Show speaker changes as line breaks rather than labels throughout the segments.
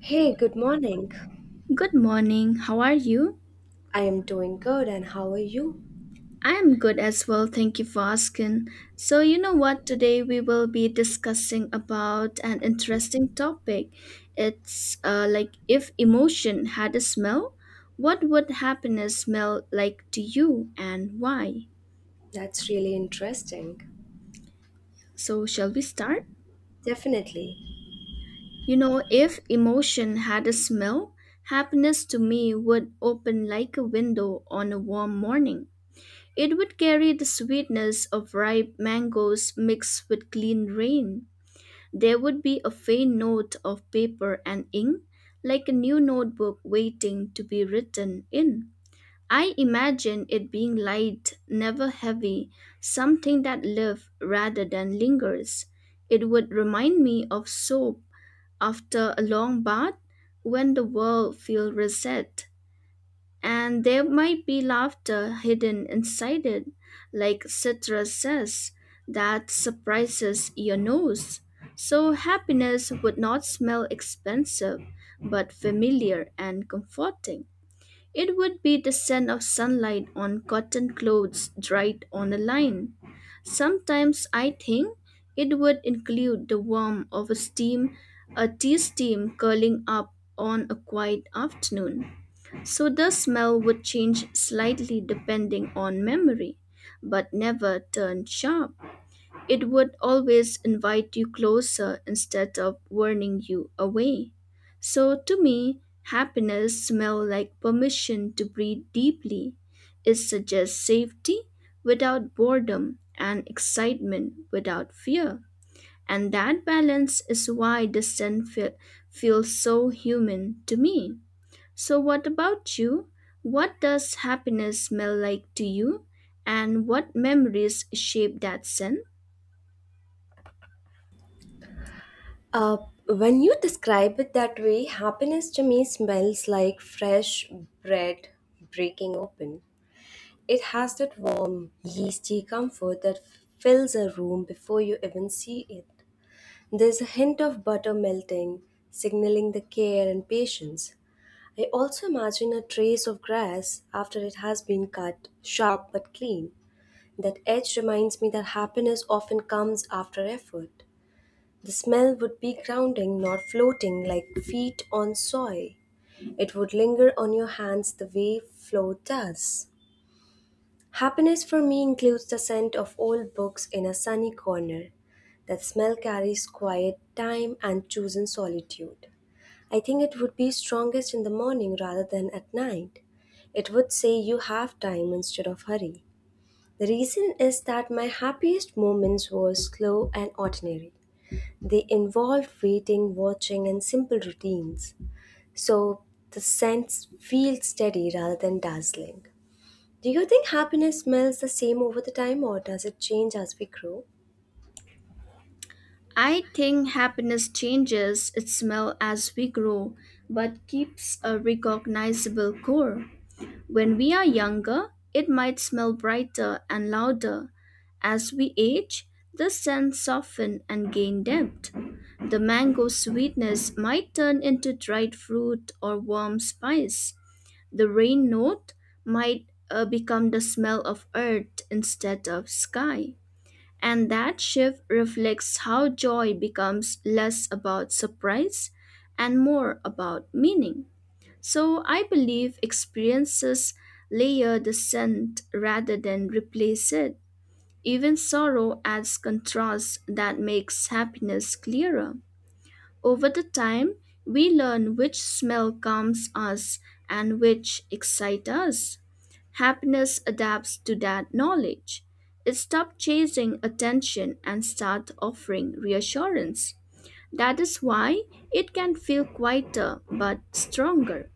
Hey, good morning.
Good morning. How are you?
I am doing good, and how are you?
I am good as well. Thank you for asking. So, you know what? Today we will be discussing about an interesting topic. It's like if emotion had a smell, what would happiness smell like to you and why?
That's really interesting.
So, shall we start?
Definitely.
You know, if emotion had a smell, happiness to me would open like a window on a warm morning. It would carry the sweetness of ripe mangoes mixed with clean rain. There would be a faint note of paper and ink, like a new notebook waiting to be written in. I imagine it being light, never heavy, something that lives rather than lingers. It would remind me of soap after a long bath when the world feels reset. And there might be laughter hidden inside it, like Citra says, that surprises your nose. So happiness would not smell expensive, but familiar and comforting. It would be the scent of sunlight on cotton clothes dried on a line. Sometimes I think it would include the warmth of a steam, a tea steam curling up on a quiet afternoon. So the smell would change slightly depending on memory, but never turn sharp. It would always invite you closer instead of warning you away. So to me, happiness smells like permission to breathe deeply. It suggests safety without boredom and excitement without fear. And that balance is why feels so human to me. So, what about you? What does happiness smell like to you? And what memories shape that scent?
Uh, when you describe it that way, happiness to me smells like fresh bread breaking open. It has that warm, yeasty comfort that fills a room before you even see it. There's a hint of butter melting, signaling the care and patience. I also imagine a trace of grass after it has been cut, sharp but clean. That edge reminds me that happiness often comes after effort. The smell would be grounding, not floating like feet on soil. It would linger on your hands the way flow does. Happiness for me includes the scent of old books in a sunny corner. That smell carries quiet time and chosen solitude. I think it would be strongest in the morning rather than at night. It would say you have time instead of hurry. The reason is that my happiest moments were slow and ordinary. They involved waiting, watching, and simple routines. So the sense feels steady rather than dazzling. Do you think happiness smells the same over the time or does it change as we grow?
I think happiness changes its smell as we grow, but keeps a recognizable core. When we are younger, it might smell brighter and louder. As we age, the scent softens and gain depth. The mango sweetness might turn into dried fruit or warm spice. The rain note might become the smell of earth instead of sky. And that shift reflects how joy becomes less about surprise and more about meaning. So I believe experiences layer the scent rather than replace it. Even sorrow adds contrast that makes happiness clearer. Over the time, we learn which smell calms us and which excite us. Happiness adapts to that knowledge. It stops chasing attention and starts offering reassurance. That is why it can feel quieter but stronger.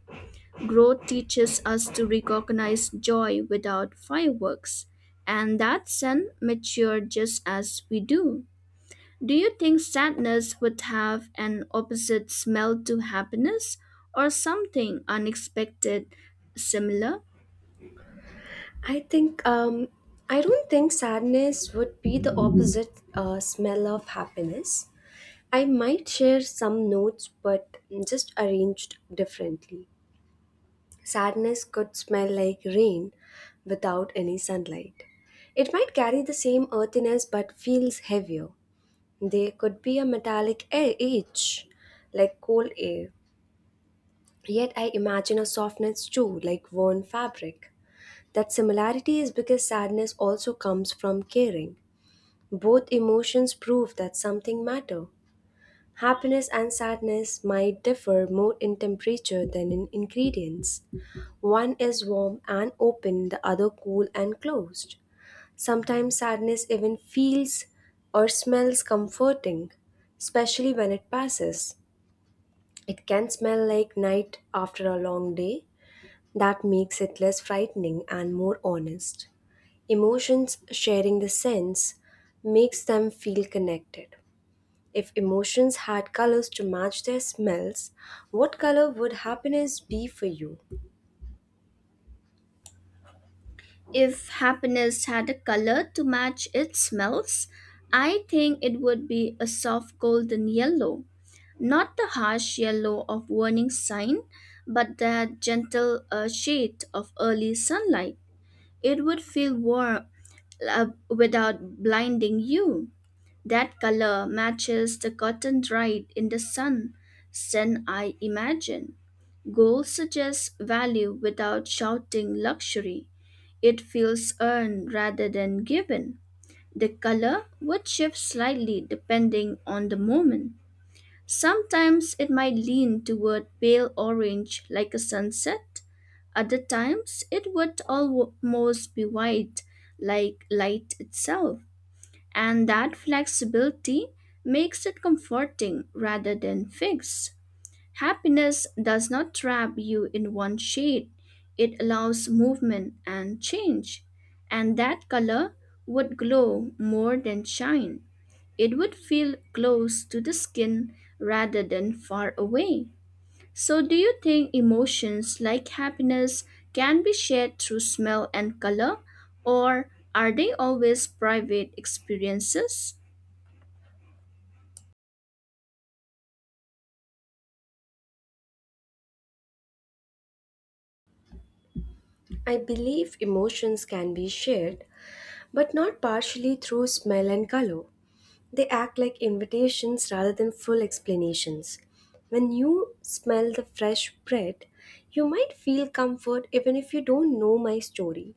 Growth teaches us to recognize joy without fireworks, and that sense mature just as we do. Do you think sadness would have an opposite smell to happiness or something unexpected similar?
I think um, I don't think sadness would be the opposite smell of happiness. I might share some notes, but just arranged differently. Sadness could smell like rain without any sunlight. It might carry the same earthiness but feels heavier. There could be a metallic air edge, like cold air. Yet I imagine a softness too, like worn fabric. That similarity is because sadness also comes from caring. Both emotions prove that something matter. Happiness and sadness might differ more in temperature than in ingredients. One is warm and open, the other cool and closed. Sometimes sadness even feels or smells comforting, especially when it passes. It can smell like night after a long day. That makes it less frightening and more honest. Emotions sharing the sense makes them feel connected. If emotions had colors to match their smells, what color would happiness be for you?
If happiness had a color to match its smells, I think it would be a soft golden yellow. Not the harsh yellow of warning sign, but that gentle shade of early sunlight. It would feel warm without blinding you. That color matches the cotton dried in the sun, then I imagine. Gold suggests value without shouting luxury. It feels earned rather than given. The color would shift slightly depending on the moment. Sometimes it might lean toward pale orange like a sunset. Other times it would almost be white like light itself. And that flexibility makes it comforting rather than fixed. Happiness does not trap you in one shade, it allows movement and change. And that color would glow more than shine. It would feel close to the skin rather than far away. So, do you think emotions like happiness can be shared through smell and color, or are they always private experiences?
I believe emotions can be shared but not partially through smell and color. They act like invitations rather than full explanations. When you smell the fresh bread, you might feel comfort even if you don't know my story.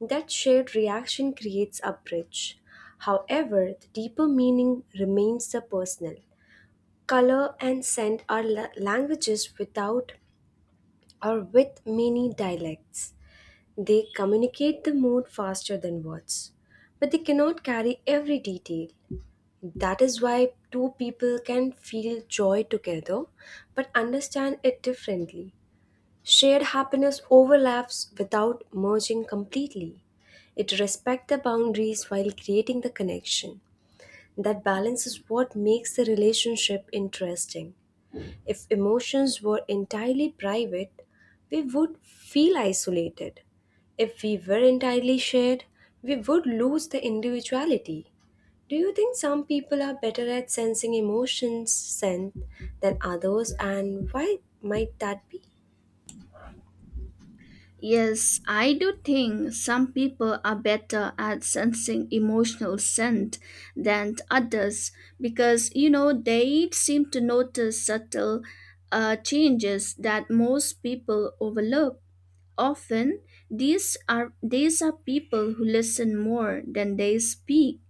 That shared reaction creates a bridge. However, the deeper meaning remains the personal. Color and scent are languages without or with many dialects. They communicate the mood faster than words, but they cannot carry every detail. That is why two people can feel joy together but understand it differently. Shared happiness overlaps without merging completely. It respects the boundaries while creating the connection. That balance is what makes the relationship interesting. If emotions were entirely private, we would feel isolated. If we were entirely shared, we would lose the individuality. Do you think some people are better at sensing emotions scent than others, and why might that be?
Yes, I do think some people are better at sensing emotional scent than others because, you know, they seem to notice subtle changes that most people overlook. Often, these are people who listen more than they speak.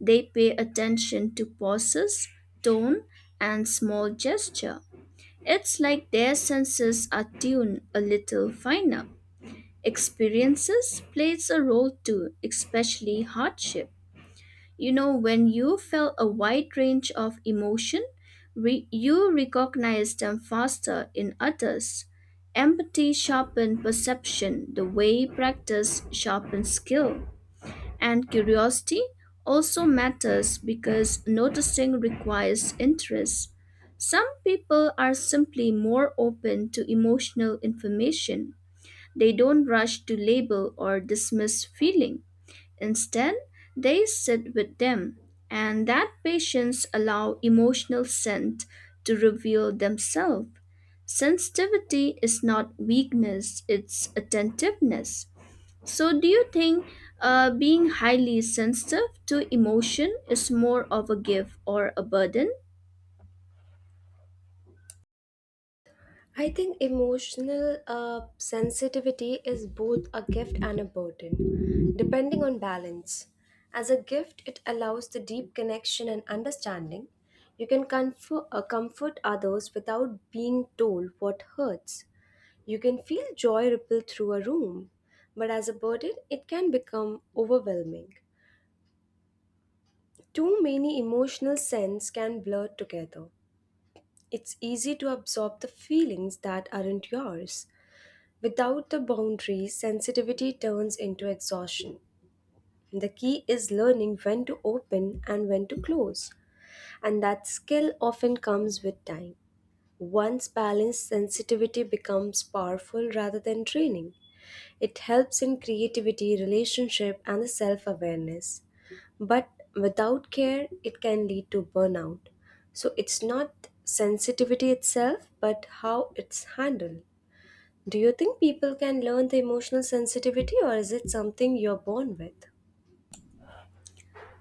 They pay attention to pauses, tone, and small gesture. It's like their senses are tuned a little finer. Experiences plays a role too, especially hardship. You know, when you felt a wide range of emotion, you recognize them faster in others. Empathy sharpens perception, the way practice sharpens skill. And curiosity also matters because noticing requires interest. Some people are simply more open to emotional information they don't rush to label or dismiss feeling. Instead, they sit with them, and that patience allow emotional scent to reveal themselves. Sensitivity is not weakness, it's attentiveness. So, do you think being highly sensitive to emotion is more of a gift or a burden?
I think emotional sensitivity is both a gift and a burden, depending on balance. As a gift, it allows the deep connection and understanding. You can comfort, comfort others without being told what hurts. You can feel joy ripple through a room, but as a burden, it can become overwhelming. Too many emotional scents can blur together. It's easy to absorb the feelings that aren't yours. Without the boundaries, sensitivity turns into exhaustion. The key is learning when to open and when to close, and that skill often comes with time. Once balanced, sensitivity becomes powerful rather than draining. It helps in creativity, relationship, and the self awareness. But without care, it can lead to burnout. So it's not sensitivity itself, but how it's handled. Do you think people can learn the emotional sensitivity or is it something you're born with?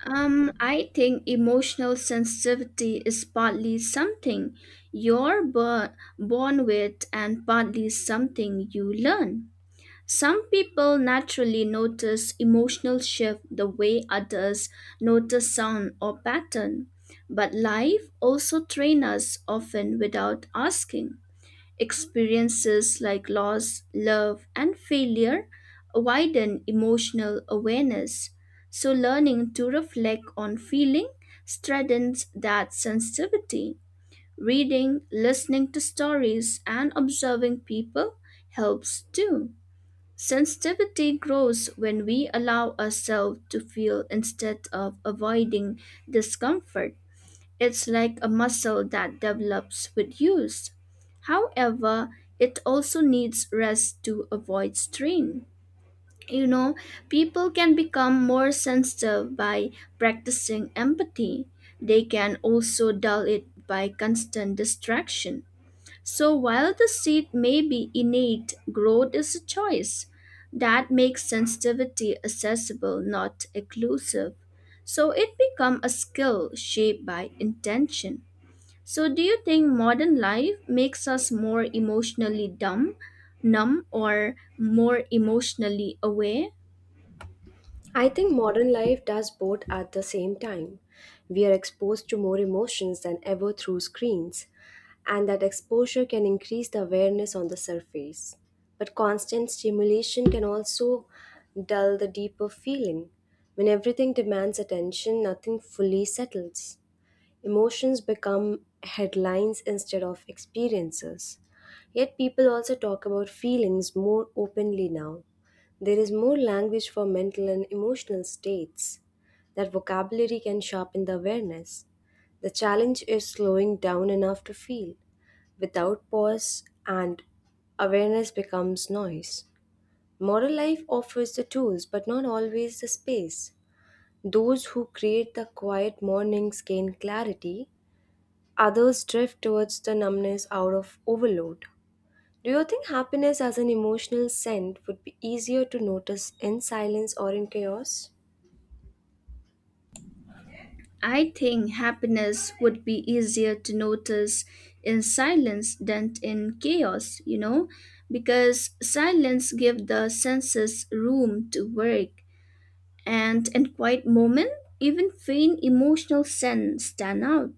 I think emotional sensitivity is partly something you're bo- born with and partly something you learn. Some people naturally notice emotional shift the way others notice sound or pattern, but life also trains us often without asking. Experiences like loss, love, and failure widen emotional awareness. So, learning to reflect on feeling strengthens that sensitivity. Reading, listening to stories, and observing people helps too. Sensitivity grows when we allow ourselves to feel instead of avoiding discomfort. It's like a muscle that develops with use. However, it also needs rest to avoid strain. You know, people can become more sensitive by practicing empathy. They can also dull it by constant distraction. So, while the seed may be innate, growth is a choice. That makes sensitivity accessible, not exclusive. So, it becomes a skill shaped by intention. So, do you think modern life makes us more emotionally numb, or more emotionally aware?
I think modern life does both at the same time. We are exposed to more emotions than ever through screens, and that exposure can increase the awareness on the surface. But constant stimulation can also dull the deeper feeling. When everything demands attention, nothing fully settles. Emotions become headlines instead of experiences. Yet people also talk about feelings more openly now. There is more language for mental and emotional states. That vocabulary can sharpen the awareness. The challenge is slowing down enough to feel without pause and awareness becomes noise. Modern life offers the tools but not always the space. Those who create the quiet mornings gain clarity, others drift towards the numbness out of overload. Do you think happiness as an emotional scent would be easier to notice in silence or in chaos?
I think happiness would be easier to notice in silence than in chaos, you know, because silence gives the senses room to work, and in quiet moment, even faint emotional sense stand out.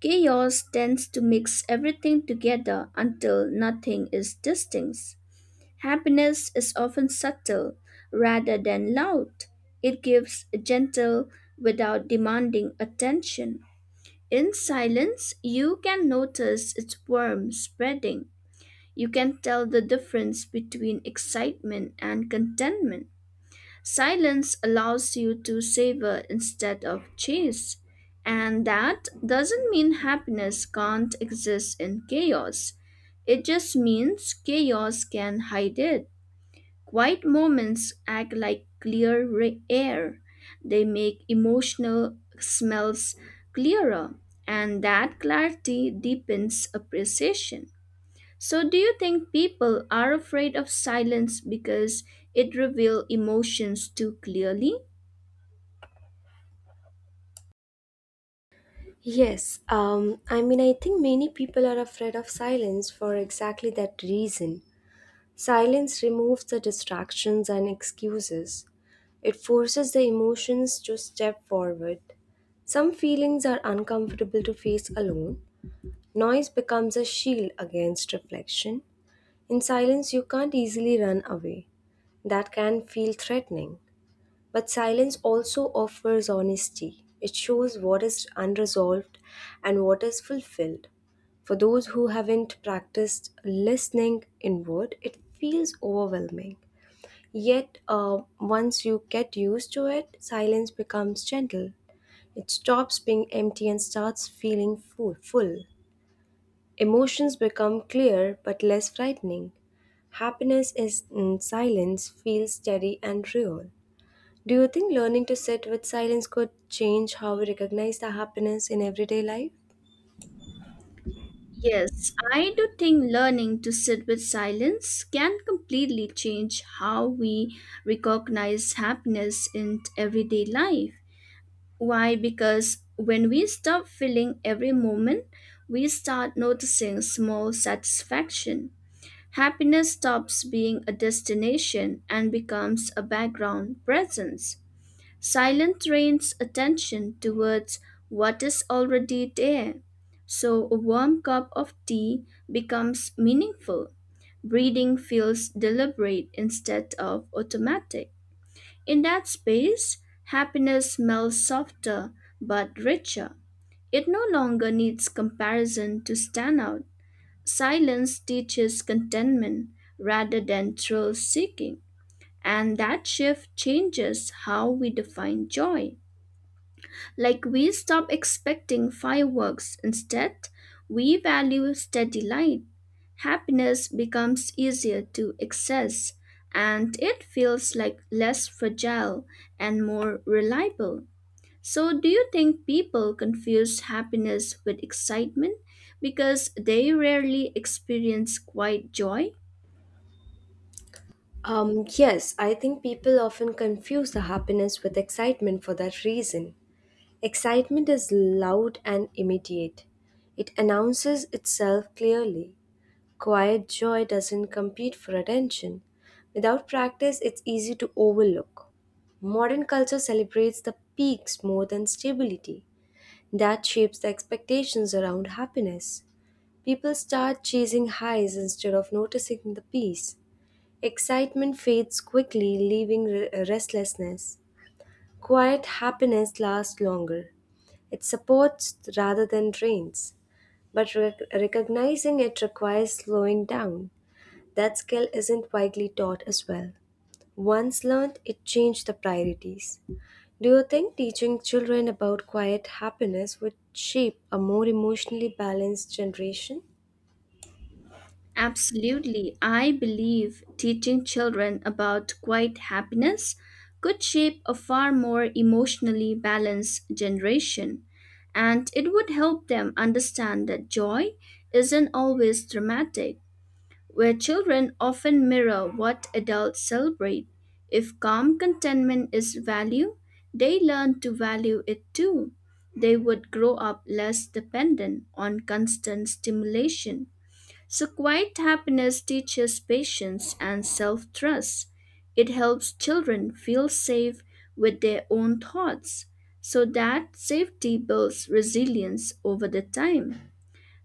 Chaos tends to mix everything together until nothing is distinct. Happiness is often subtle rather than loud. It gives gentle without demanding attention. In silence, you can notice its warmth spreading. You can tell the difference between excitement and contentment. Silence allows you to savor instead of chase. And that doesn't mean happiness can't exist in chaos. It just means chaos can hide it. Quiet moments act like air. They make emotional smells clearer, and that clarity deepens appreciation. So, do you think people are afraid of silence because it reveals emotions too clearly?
Yes, I think many people are afraid of silence for exactly that reason. Silence removes the distractions and excuses, it forces the emotions to step forward. Some feelings are uncomfortable to face alone. Noise becomes a shield against reflection. In silence, you can't easily run away. That can feel threatening. But silence also offers honesty. It shows what is unresolved and what is fulfilled. For those who haven't practiced listening inward, it feels overwhelming. Yet, once you get used to it, silence becomes gentle. It stops being empty and starts feeling full. Emotions become clear but less frightening. Happiness is in silence, feels steady and real. Do you think learning to sit with silence could change how we recognize the happiness in everyday life?
Yes, I do think learning to sit with silence can completely change how we recognize happiness in everyday life. Why? Because when we stop feeling every moment, we start noticing small satisfaction. Happiness stops being a destination and becomes a background presence. Silence trains attention towards what is already there. So a warm cup of tea becomes meaningful. Breathing feels deliberate instead of automatic. In that space, happiness smells softer but richer. It no longer needs comparison to stand out. Silence teaches contentment rather than thrill seeking, and that shift changes how we define joy. Like we stop expecting fireworks. Instead, we value steady light. Happiness becomes easier to access and it feels like less fragile and more reliable. So, do you think people confuse happiness with excitement because they rarely experience quiet joy?
Yes, I think people often confuse the happiness with excitement for that reason. Excitement is loud and immediate. It announces itself clearly. Quiet joy doesn't compete for attention. Without practice, it's easy to overlook. Modern culture celebrates the peaks more than stability. That shapes the expectations around happiness. People start chasing highs instead of noticing the peace. Excitement fades quickly, leaving restlessness. Quiet happiness lasts longer. It supports rather than drains, but recognizing it requires slowing down. That skill isn't widely taught as well. Once learned, it changed the priorities. Do you think teaching children about quiet happiness would shape a more emotionally balanced generation?
Absolutely. I believe teaching children about quiet happiness could shape a far more emotionally balanced generation, and it would help them understand that joy isn't always dramatic, where children often mirror what adults celebrate. If calm contentment is value, they learn to value it too. They would grow up less dependent on constant stimulation so, quiet happiness teaches patience and self trust. It helps children feel safe with their own thoughts, so that safety builds resilience over the time.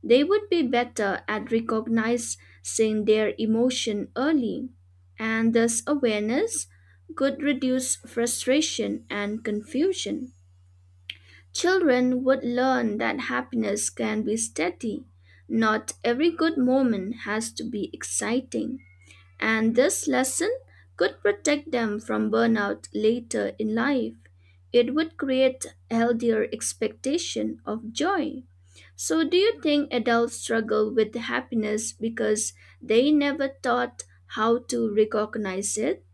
They would be better at recognizing their emotion early, and thus awareness could reduce frustration and confusion. Children would learn that happiness can be steady. Not every good moment has to be exciting. And this lesson could protect them from burnout later in life. It would create healthier expectation of joy. So do you think adults struggle with happiness because they never taught how to recognize it?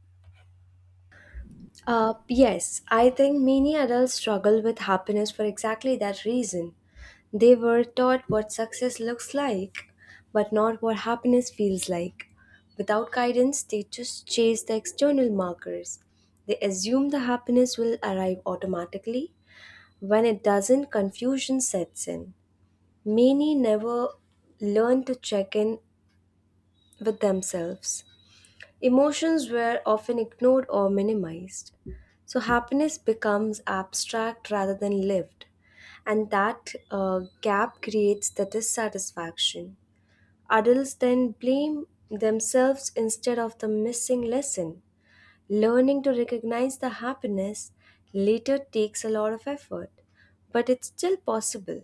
Yes, I think many adults struggle with happiness for exactly that reason. They were taught what success looks like, but not what happiness feels like. Without guidance, they just chase the external markers. They assume the happiness will arrive automatically, when it doesn't, confusion sets in. Many never learn to check in with themselves. Emotions were often ignored or minimized. So happiness becomes abstract rather than lived. And that gap creates the dissatisfaction. Adults then blame themselves instead of the missing lesson. Learning to recognize the happiness later takes a lot of effort, but it's still possible.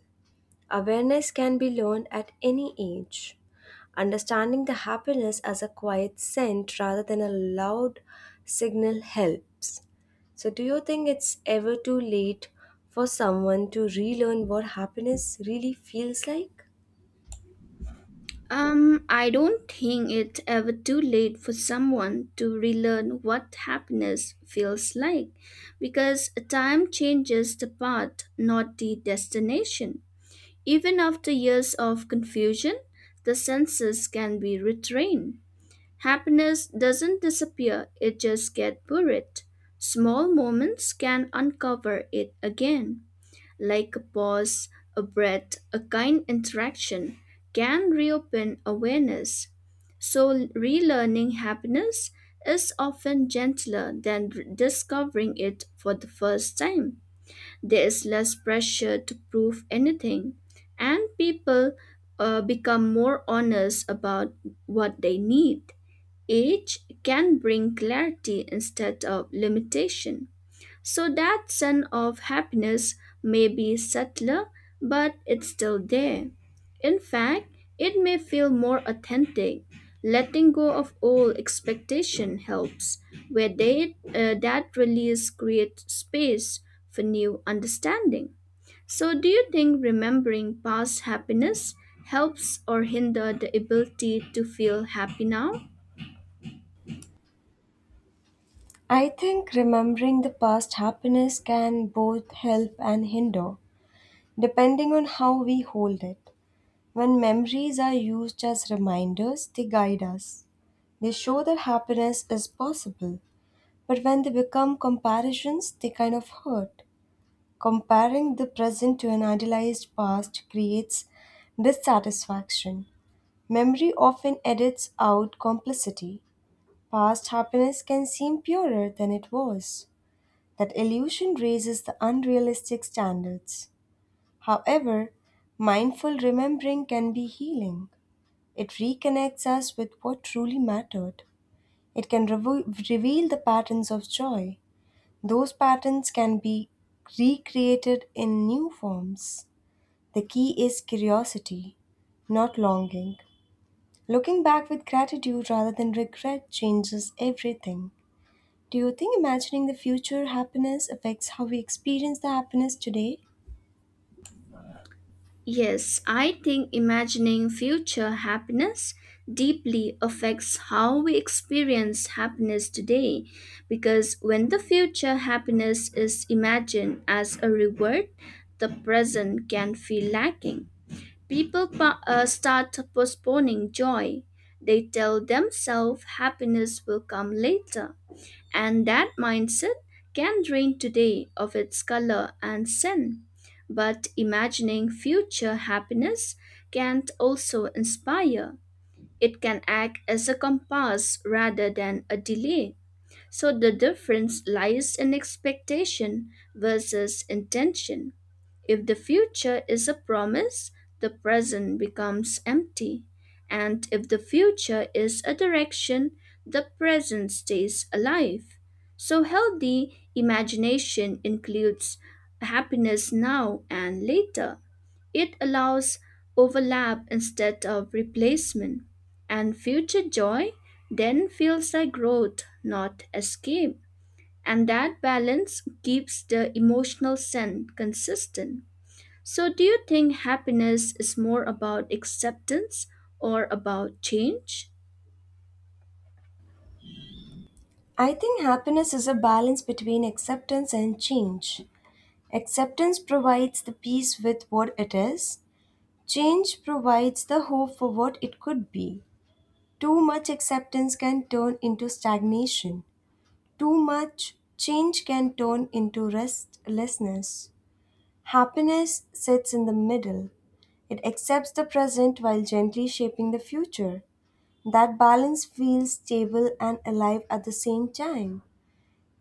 Awareness can be learned at any age. Understanding the happiness as a quiet scent rather than a loud signal helps. So, do you think it's ever too late for someone to relearn what happiness really feels like?
I don't think it's ever too late for someone to relearn what happiness feels like because time changes the path, not the destination. Even after years of confusion, the senses can be retrained. Happiness doesn't disappear, it just gets buried. Small moments can uncover it again like a pause, a breath, a kind interaction, can reopen awareness. So, relearning happiness is often gentler than discovering it for the first time. There is less pressure to prove anything, and people become more honest about what they need. Age can bring clarity instead of limitation. So that sense of happiness may be subtler, but it's still there. In fact, it may feel more authentic. Letting go of old expectation helps, where that release creates space for new understanding. So, do you think remembering past happiness helps or hinder the ability to feel happy now?
I think remembering the past happiness can both help and hinder, depending on how we hold it. When memories are used as reminders, they guide us. They show that happiness is possible. But when they become comparisons, they kind of hurt. Comparing the present to an idealized past creates dissatisfaction. Memory often edits out complicity. Past happiness can seem purer than it was. That illusion raises the unrealistic standards. However, mindful remembering can be healing. It reconnects us with what truly mattered. It can reveal the patterns of joy. Those patterns can be recreated in new forms. The key is curiosity, not longing. Looking back with gratitude rather than regret changes everything. Do you think imagining the future happiness affects how we experience the happiness today?
Yes, I think imagining future happiness deeply affects how we experience happiness today because when the future happiness is imagined as a reward, the present can feel lacking. People start postponing joy. They tell themselves happiness will come later and that mindset can drain today of its color and sin. But imagining future happiness can also inspire. It can act as a compass rather than a delay. So the difference lies in expectation versus intention. If the future is a promise, the present becomes empty. And if the future is a direction, the present stays alive. So healthy imagination includes happiness now and later. It allows overlap instead of replacement. And future joy then feels like growth, not escape. And that balance keeps the emotional scent consistent. So, do you think happiness is more about acceptance or about change?
I think happiness is a balance between acceptance and change. Acceptance provides the peace with what it is, change provides the hope for what it could be. Too much acceptance can turn into stagnation. Too much change can turn into restlessness. Happiness sits in the middle. It accepts the present while gently shaping the future. That balance feels stable and alive at the same time.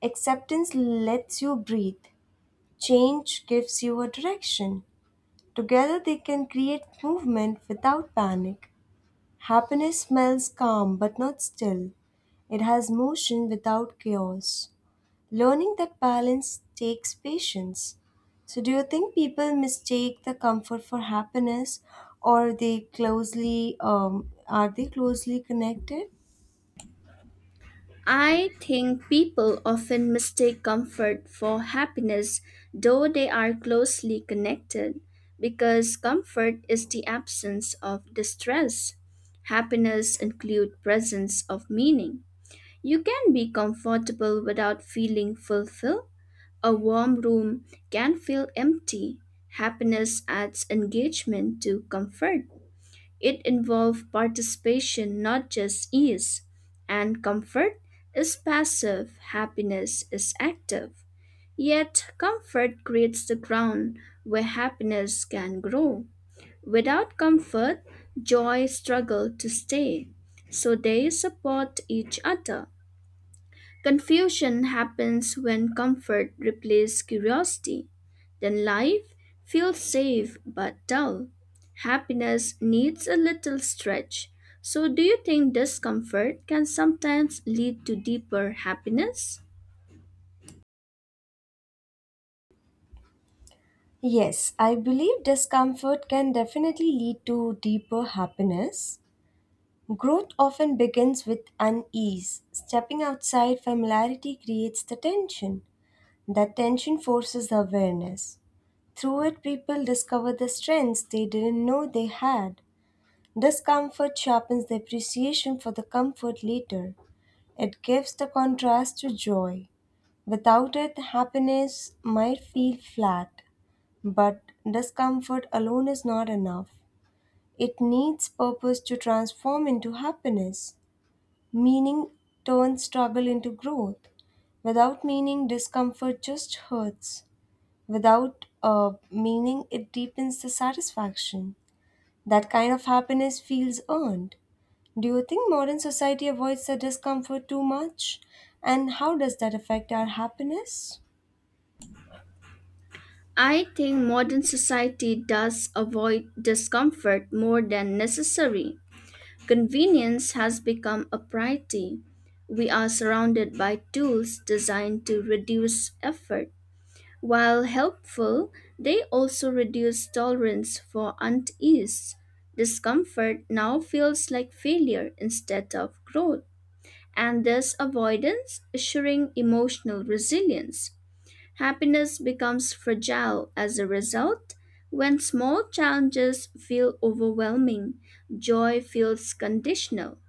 Acceptance lets you breathe. Change gives you a direction. Together they can create movement without panic. Happiness smells calm but not still. It has motion without chaos. Learning that balance takes patience. So, do you think people mistake the comfort for happiness, or they closely are they closely connected?
I think people often mistake comfort for happiness, though they are closely connected, because comfort is the absence of distress. Happiness includes presence of meaning. You can be comfortable without feeling fulfilled. A warm room can feel empty. Happiness adds engagement to comfort. It involves participation, not just ease. And comfort is passive, happiness is active. Yet, comfort creates the ground where happiness can grow. Without comfort, joy struggles to stay. So they support each other. Confusion happens when comfort replaces curiosity. Then life feels safe but dull. Happiness needs a little stretch. So, do you think discomfort can sometimes lead to deeper happiness?
Yes, I believe discomfort can definitely lead to deeper happiness. Growth often begins with unease. Stepping outside familiarity creates the tension. The tension forces awareness. Through it, people discover the strengths they didn't know they had. Discomfort sharpens the appreciation for the comfort later. It gives the contrast to joy. Without it, happiness might feel flat. But discomfort alone is not enough. It needs purpose to transform into happiness. Meaning turns struggle into growth. Without meaning, discomfort just hurts without meaning it deepens the satisfaction. That kind of happiness feels earned. Do you think modern society avoids the discomfort too much? And how does that affect our happiness?
I think modern society does avoid discomfort more than necessary. Convenience has become a priority. We are surrounded by tools designed to reduce effort While helpful, they also reduce tolerance for unease. Discomfort now feels like failure instead of growth, and this avoidance assuring emotional resilience. Happiness becomes fragile as a result. When small challenges feel overwhelming, joy feels conditional.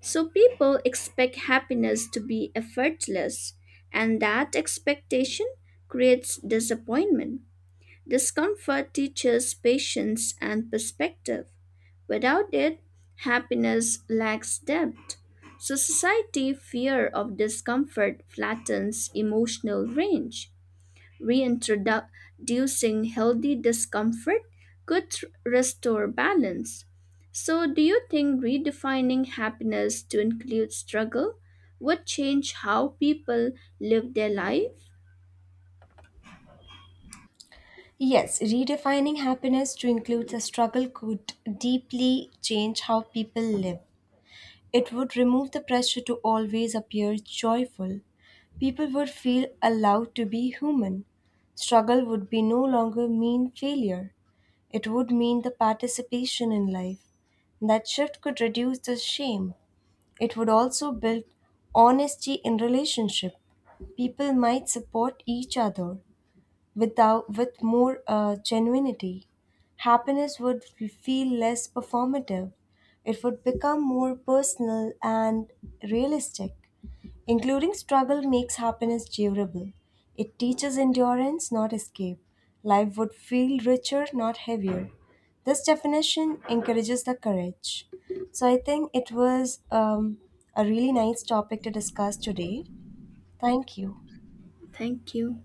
So people expect happiness to be effortless, and that expectation creates disappointment. Discomfort teaches patience and perspective. Without it, happiness lacks depth. So society fear of discomfort flattens emotional range. Reintroducing healthy discomfort could restore balance. So, do you think redefining happiness to include struggle would change how people live their life?
Yes, redefining happiness to include the struggle could deeply change how people live. It would remove the pressure to always appear joyful. People would feel allowed to be human. Struggle would be no longer mean failure. It would mean the participation in life. That shift could reduce the shame. It would also build honesty in relationship. People might support each other without with more genuinity. Happiness would feel less performative. It would become more personal and realistic. Including struggle makes happiness durable. It teaches endurance, not escape. Life would feel richer, not heavier. This definition encourages the courage. So I think it was a really nice topic to discuss today. Thank you.
Thank you.